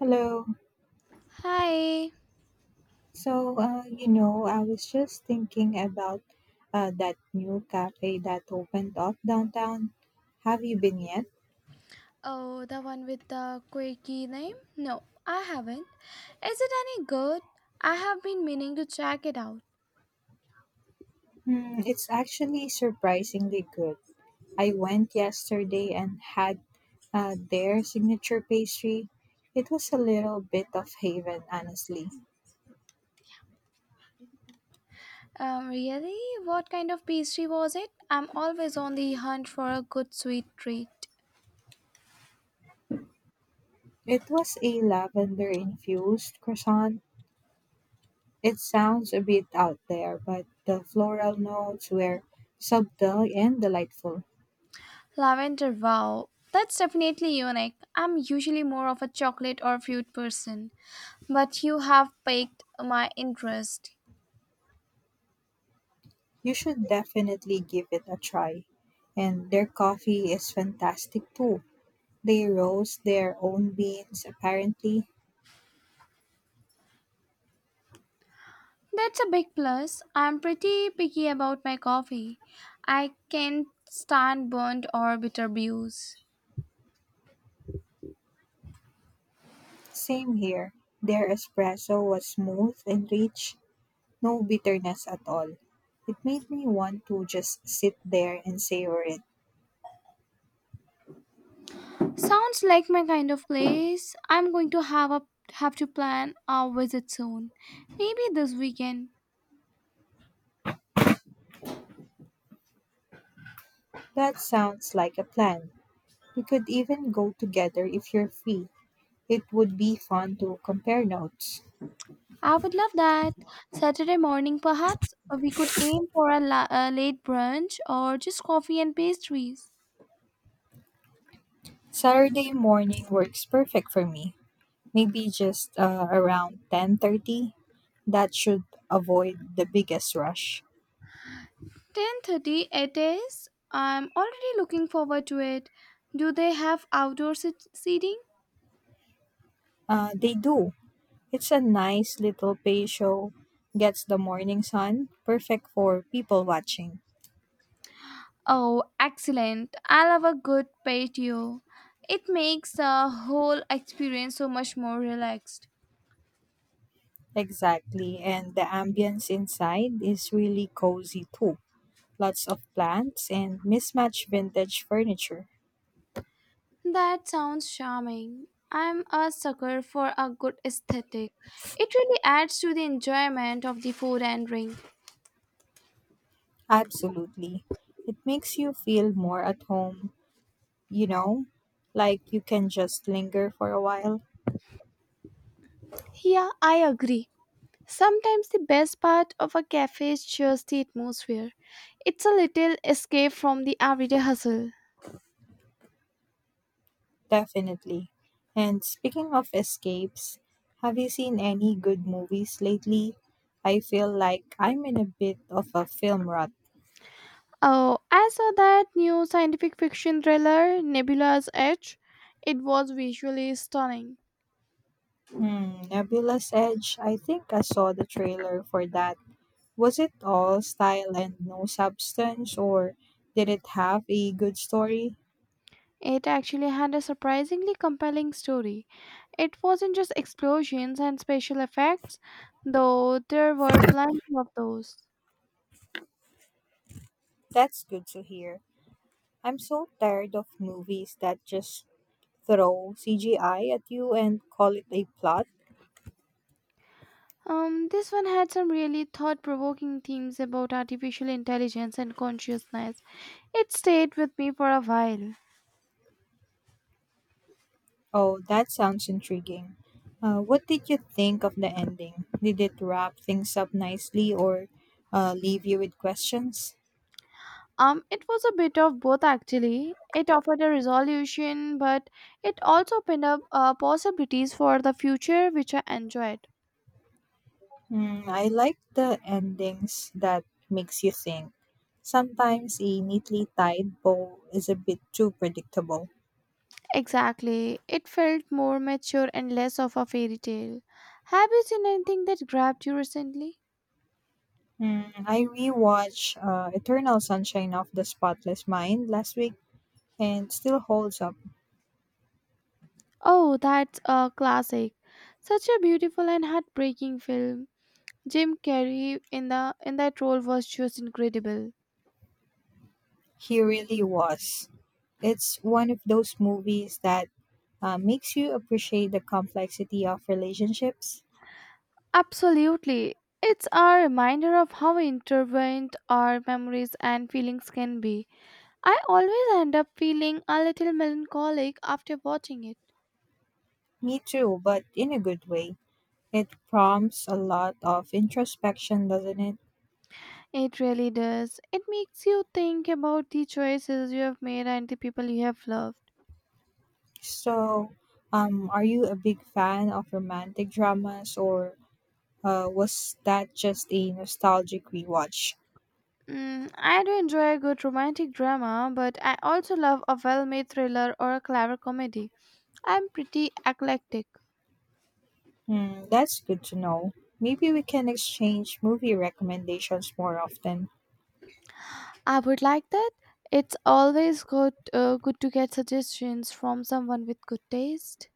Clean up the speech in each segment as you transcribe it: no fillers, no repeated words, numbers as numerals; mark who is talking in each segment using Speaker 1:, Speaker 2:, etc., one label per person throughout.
Speaker 1: Hello.
Speaker 2: Hi.
Speaker 1: I was just thinking about that new cafe that opened up downtown. Have you been yet?
Speaker 2: Oh, the one with the quirky name? No, I haven't. Is it any good? I have been meaning to check it out.
Speaker 1: It's actually surprisingly good. I went yesterday and had their signature pastry. It was a little bit of haven, honestly.
Speaker 2: Really? What kind of pastry was it? I'm always on the hunt for a good sweet treat.
Speaker 1: It was a lavender infused croissant. It sounds a bit out there, but the floral notes were subtle and delightful.
Speaker 2: Lavender, wow. That's definitely unique. I'm usually more of a chocolate or fruit person, but you have piqued my interest.
Speaker 1: You should definitely give it a try. And their coffee is fantastic too. They roast their own beans, apparently.
Speaker 2: That's a big plus. I'm pretty picky about my coffee. I can't stand burnt or bitter brews.
Speaker 1: Same here. Their espresso was smooth and rich, no bitterness at all. It made me want to just sit there and savor it.
Speaker 2: Sounds like my kind of place. I'm going to have to plan a visit soon. Maybe this weekend.
Speaker 1: That sounds like a plan. We could even go together if you're free. It would be fun to compare notes.
Speaker 2: I would love that. Saturday morning, perhaps? Or we could aim for a late brunch or just coffee and pastries.
Speaker 1: Saturday morning works perfect for me. Maybe just around 10:30. That should avoid the biggest rush.
Speaker 2: 10:30 it is. I'm already looking forward to it. Do they have seating?
Speaker 1: They do. It's a nice little pay show, gets the morning sun, perfect for people watching.
Speaker 2: Oh, excellent. I love a good patio. It makes the whole experience so much more relaxed.
Speaker 1: Exactly, and the ambience inside is really cozy too, lots of plants and mismatched vintage furniture.
Speaker 2: That sounds charming. I'm a sucker for a good aesthetic. It really adds to the enjoyment of the food and drink.
Speaker 1: Absolutely, it makes you feel more at home you know like you can just linger for a while.
Speaker 2: Yeah, I agree. Sometimes the best part of a cafe is just the atmosphere. It's a little escape from the everyday hustle.
Speaker 1: Definitely. And speaking of escapes, have you seen any good movies lately? I feel like I'm in a bit of a film rut.
Speaker 2: Oh, I saw that new scientific fiction thriller, Nebula's Edge. It was visually stunning.
Speaker 1: Nebula's Edge, I think I saw the trailer for that. Was it all style and no substance, or did it have a good story?
Speaker 2: It actually had a surprisingly compelling story. It wasn't just explosions and special effects, though there were plenty of those.
Speaker 1: That's good to hear. I'm so tired of movies that just throw CGI at you and call it a plot.
Speaker 2: This one had some really thought provoking themes about artificial intelligence and consciousness. It stayed with me for a while.
Speaker 1: Oh, that sounds intriguing. What did you think of the ending? Did it wrap things up nicely, or leave you with questions?
Speaker 2: It was a bit of both actually. It offered a resolution, but it also opened up possibilities for the future, which I enjoyed.
Speaker 1: I like the endings that makes you think. Sometimes a neatly tied bow is a bit too predictable.
Speaker 2: Exactly. It felt more mature and less of a fairy tale. Have you seen anything that grabbed you recently?
Speaker 1: I rewatched Eternal Sunshine of the Spotless Mind last week, and still holds up.
Speaker 2: Oh, that's a classic. Such a beautiful and heartbreaking film. Jim Carrey in that role was just incredible.
Speaker 1: He really was. It's one of those movies that makes you appreciate the complexity of relationships.
Speaker 2: Absolutely. It's a reminder of how intertwined our memories and feelings can be. I always end up feeling a little melancholic after watching it.
Speaker 1: Me too, but in a good way. It prompts a lot of introspection, doesn't it?
Speaker 2: It really does. It makes you think about the choices you have made and the people you have loved.
Speaker 1: So, are you a big fan of romantic dramas, or was that just a nostalgic rewatch?
Speaker 2: Mm, I do enjoy a good romantic drama, but I also love a well made thriller or a clever comedy. I'm pretty eclectic.
Speaker 1: That's good to know. Maybe we can exchange movie recommendations more often.
Speaker 2: I would like that. It's always good to get suggestions from someone with good taste.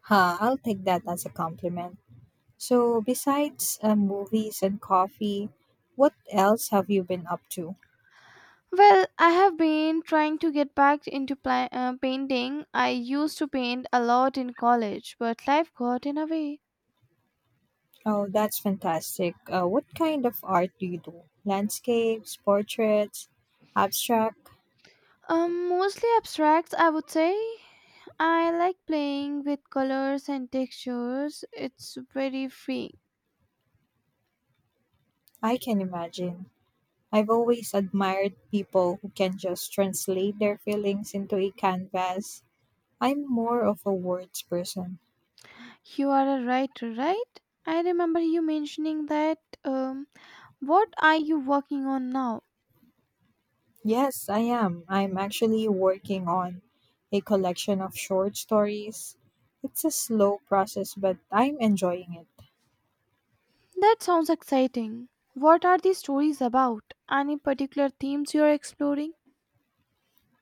Speaker 1: I'll take that as a compliment. So, besides movies and coffee, what else have you been up to?
Speaker 2: Well, I have been trying to get back into painting. I used to paint a lot in college, but life got in a way.
Speaker 1: Oh, that's fantastic. What kind of art do you do? Landscapes, portraits, abstract?
Speaker 2: Mostly abstracts, I would say. I like playing with colors and textures. It's very freeing.
Speaker 1: I can imagine. I've always admired people who can just translate their feelings into a canvas. I'm more of a words person.
Speaker 2: You are a writer, right? I remember you mentioning that. Um, what are you working on now?
Speaker 1: Yes, I am. I'm actually working on a collection of short stories. It's a slow process, but I'm enjoying it.
Speaker 2: That sounds exciting. What are these stories about? Any particular themes you are exploring?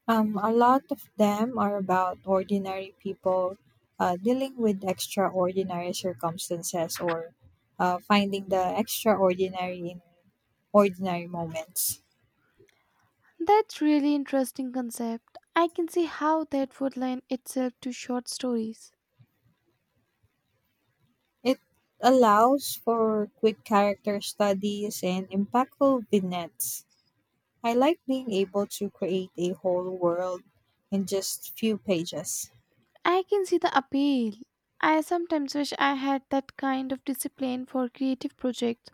Speaker 1: A lot of them are about ordinary people dealing with extraordinary circumstances, or finding the extraordinary in ordinary moments.
Speaker 2: That's really interesting concept. I can see how that would lend itself to short stories.
Speaker 1: It allows for quick character studies and impactful vignettes. I like being able to create a whole world in just few pages.
Speaker 2: I can see the appeal. I sometimes wish I had that kind of discipline for creative projects.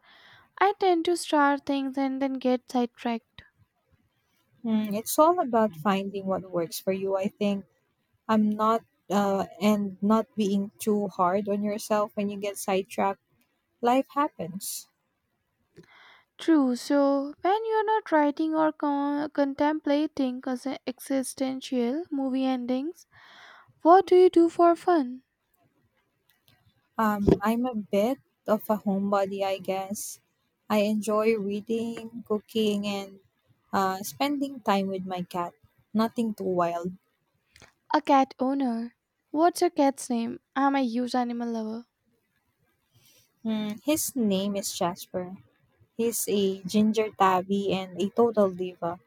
Speaker 2: I tend to start things and then get sidetracked.
Speaker 1: It's all about finding what works for you, I think. I'm not And not being too hard on yourself when you get sidetracked. Life happens.
Speaker 2: True. So when you're not writing or contemplating existential movie endings, what do you do for fun?
Speaker 1: I'm a bit of a homebody, I guess. I enjoy reading, cooking, and spending time with my cat. Nothing too wild.
Speaker 2: A cat owner? What's your cat's name? I'm a huge animal lover.
Speaker 1: His name is Jasper. He's a ginger tabby and a total diva.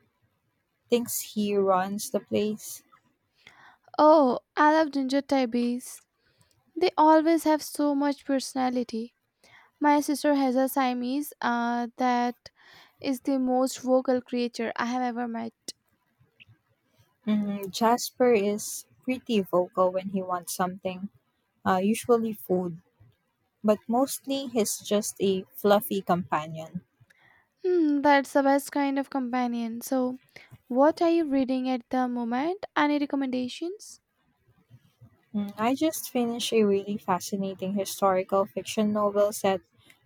Speaker 1: Thinks he runs the place.
Speaker 2: Oh, I love ginger tabbies. They always have so much personality. My sister has a Siamese that is the most vocal creature I have ever met.
Speaker 1: Jasper is pretty vocal when he wants something, usually food, but mostly he's just a fluffy companion.
Speaker 2: Hmm, that's the best kind of companion. So, what are you reading at the moment? Any recommendations?
Speaker 1: I just finished a really fascinating historical fiction novel set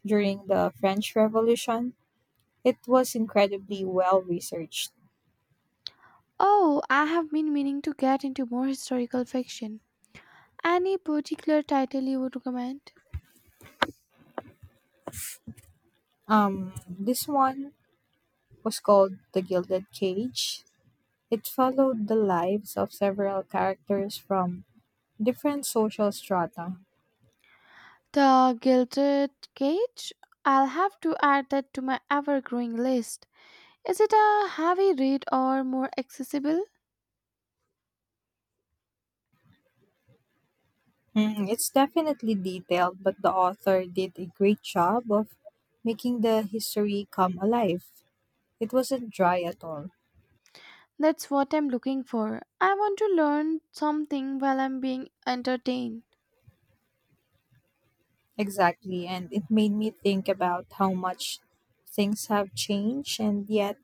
Speaker 1: during the French Revolution. It was incredibly well researched.
Speaker 2: Oh, I have been meaning to get into more historical fiction. Any particular title you would recommend?
Speaker 1: This one was called The Gilded Cage. It followed the lives of several characters from different social strata.
Speaker 2: The Gilded Cage? I'll have to add that to my ever growing list. Is it a heavy read or more accessible?
Speaker 1: It's definitely detailed, but the author did a great job of making the history come alive. It wasn't dry at all.
Speaker 2: That's what I'm looking for. I want to learn something while I'm being entertained.
Speaker 1: Exactly. And it made me think about how much things have changed, and yet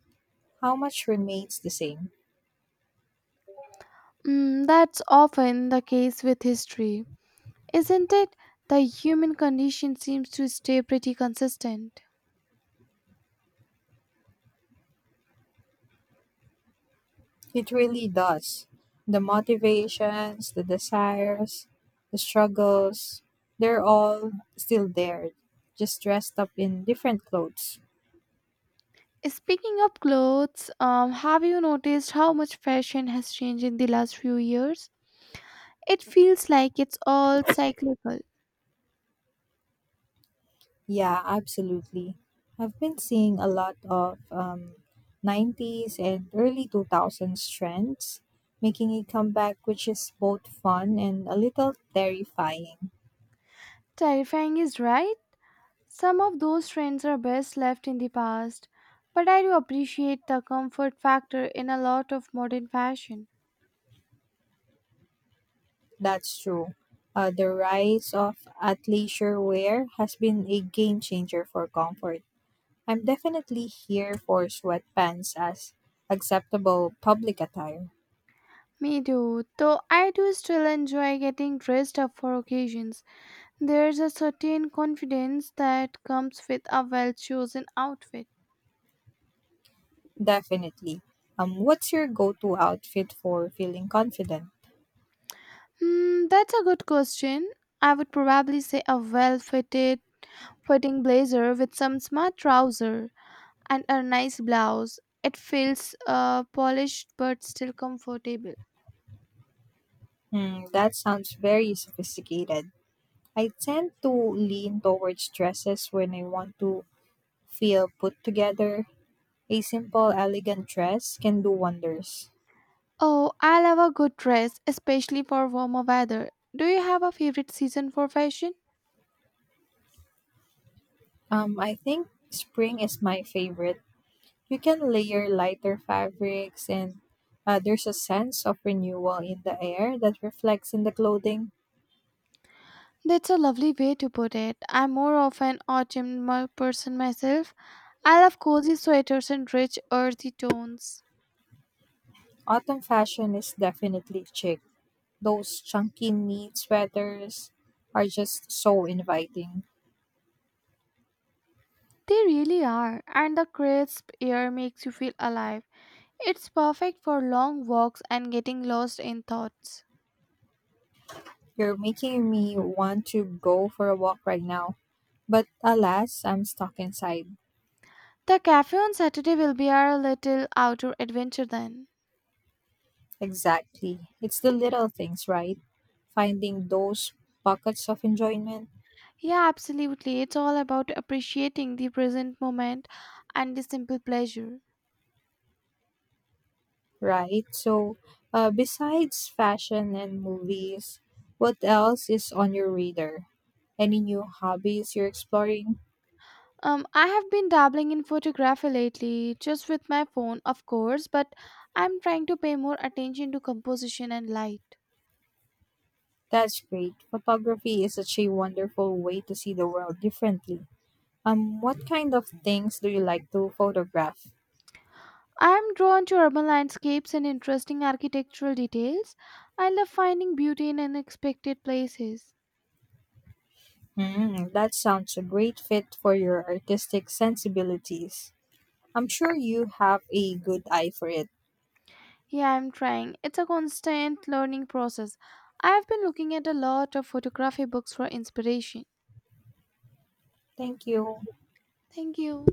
Speaker 1: how much remains the same.
Speaker 2: Mm, that's often the case with history, isn't it? The human condition seems to stay pretty consistent.
Speaker 1: It really does. The motivations, the desires, the struggles, they're all still there, just dressed up in different clothes.
Speaker 2: Speaking of clothes, have you noticed how much fashion has changed in the last few years? It feels like it's all cyclical.
Speaker 1: Yeah, absolutely. I've been seeing a lot of 90s and early 2000s trends making a comeback, which is both fun and a little terrifying.
Speaker 2: Terrifying is right. Some of those trends are best left in the past, but I do appreciate the comfort factor in a lot of modern fashion.
Speaker 1: That's true. The rise of athleisure wear has been a game changer for comfort. I'm definitely here for sweatpants as acceptable public attire.
Speaker 2: Me too, though I do still enjoy getting dressed up for occasions. There's a certain confidence that comes with a well chosen outfit.
Speaker 1: Definitely. What's your go to outfit for feeling confident?
Speaker 2: Hmm, that's a good question. I would probably say a well fitted fitting blazer with some smart trousers and a nice blouse. It feels polished but still comfortable.
Speaker 1: That sounds very sophisticated. I tend to lean towards dresses when I want to feel put together. A simple, elegant dress can do wonders.
Speaker 2: Oh, I love a good dress, especially for warmer weather. Do you have a favorite season for fashion?
Speaker 1: I think spring is my favorite. You can layer lighter fabrics, and there's a sense of renewal in the air that reflects in the clothing.
Speaker 2: That's a lovely way to put it. I'm more of an person myself. I love cozy sweaters and rich, earthy tones.
Speaker 1: Autumn fashion is definitely chic. Those chunky knit sweaters are just so inviting.
Speaker 2: They really are, and the crisp air makes you feel alive. It's perfect for long walks and getting lost in thoughts.
Speaker 1: You're making me want to go for a walk right now. But alas, I'm stuck inside.
Speaker 2: The cafe on Saturday will be our little outdoor adventure then.
Speaker 1: Exactly. It's the little things, right? Finding those pockets of enjoyment,
Speaker 2: Yeah, absolutely. It's all about appreciating the present moment and the simple pleasure.
Speaker 1: right? So, besides fashion and movies, what else is on your radar? Any new hobbies you're exploring?
Speaker 2: I have been dabbling in photography lately, just with my phone, of course, but I'm trying to pay more attention to composition and light.
Speaker 1: That's great. Photography is such a wonderful way to see the world differently. What kind of things do you like to photograph?
Speaker 2: I am drawn to urban landscapes and interesting architectural details. I love finding beauty in unexpected places.
Speaker 1: That sounds a great fit for your artistic sensibilities. I'm sure you have a good eye for it.
Speaker 2: Yeah, I'm trying. It's a constant learning process. I've been looking at a lot of photography books for inspiration.
Speaker 1: Thank you.
Speaker 2: Thank you.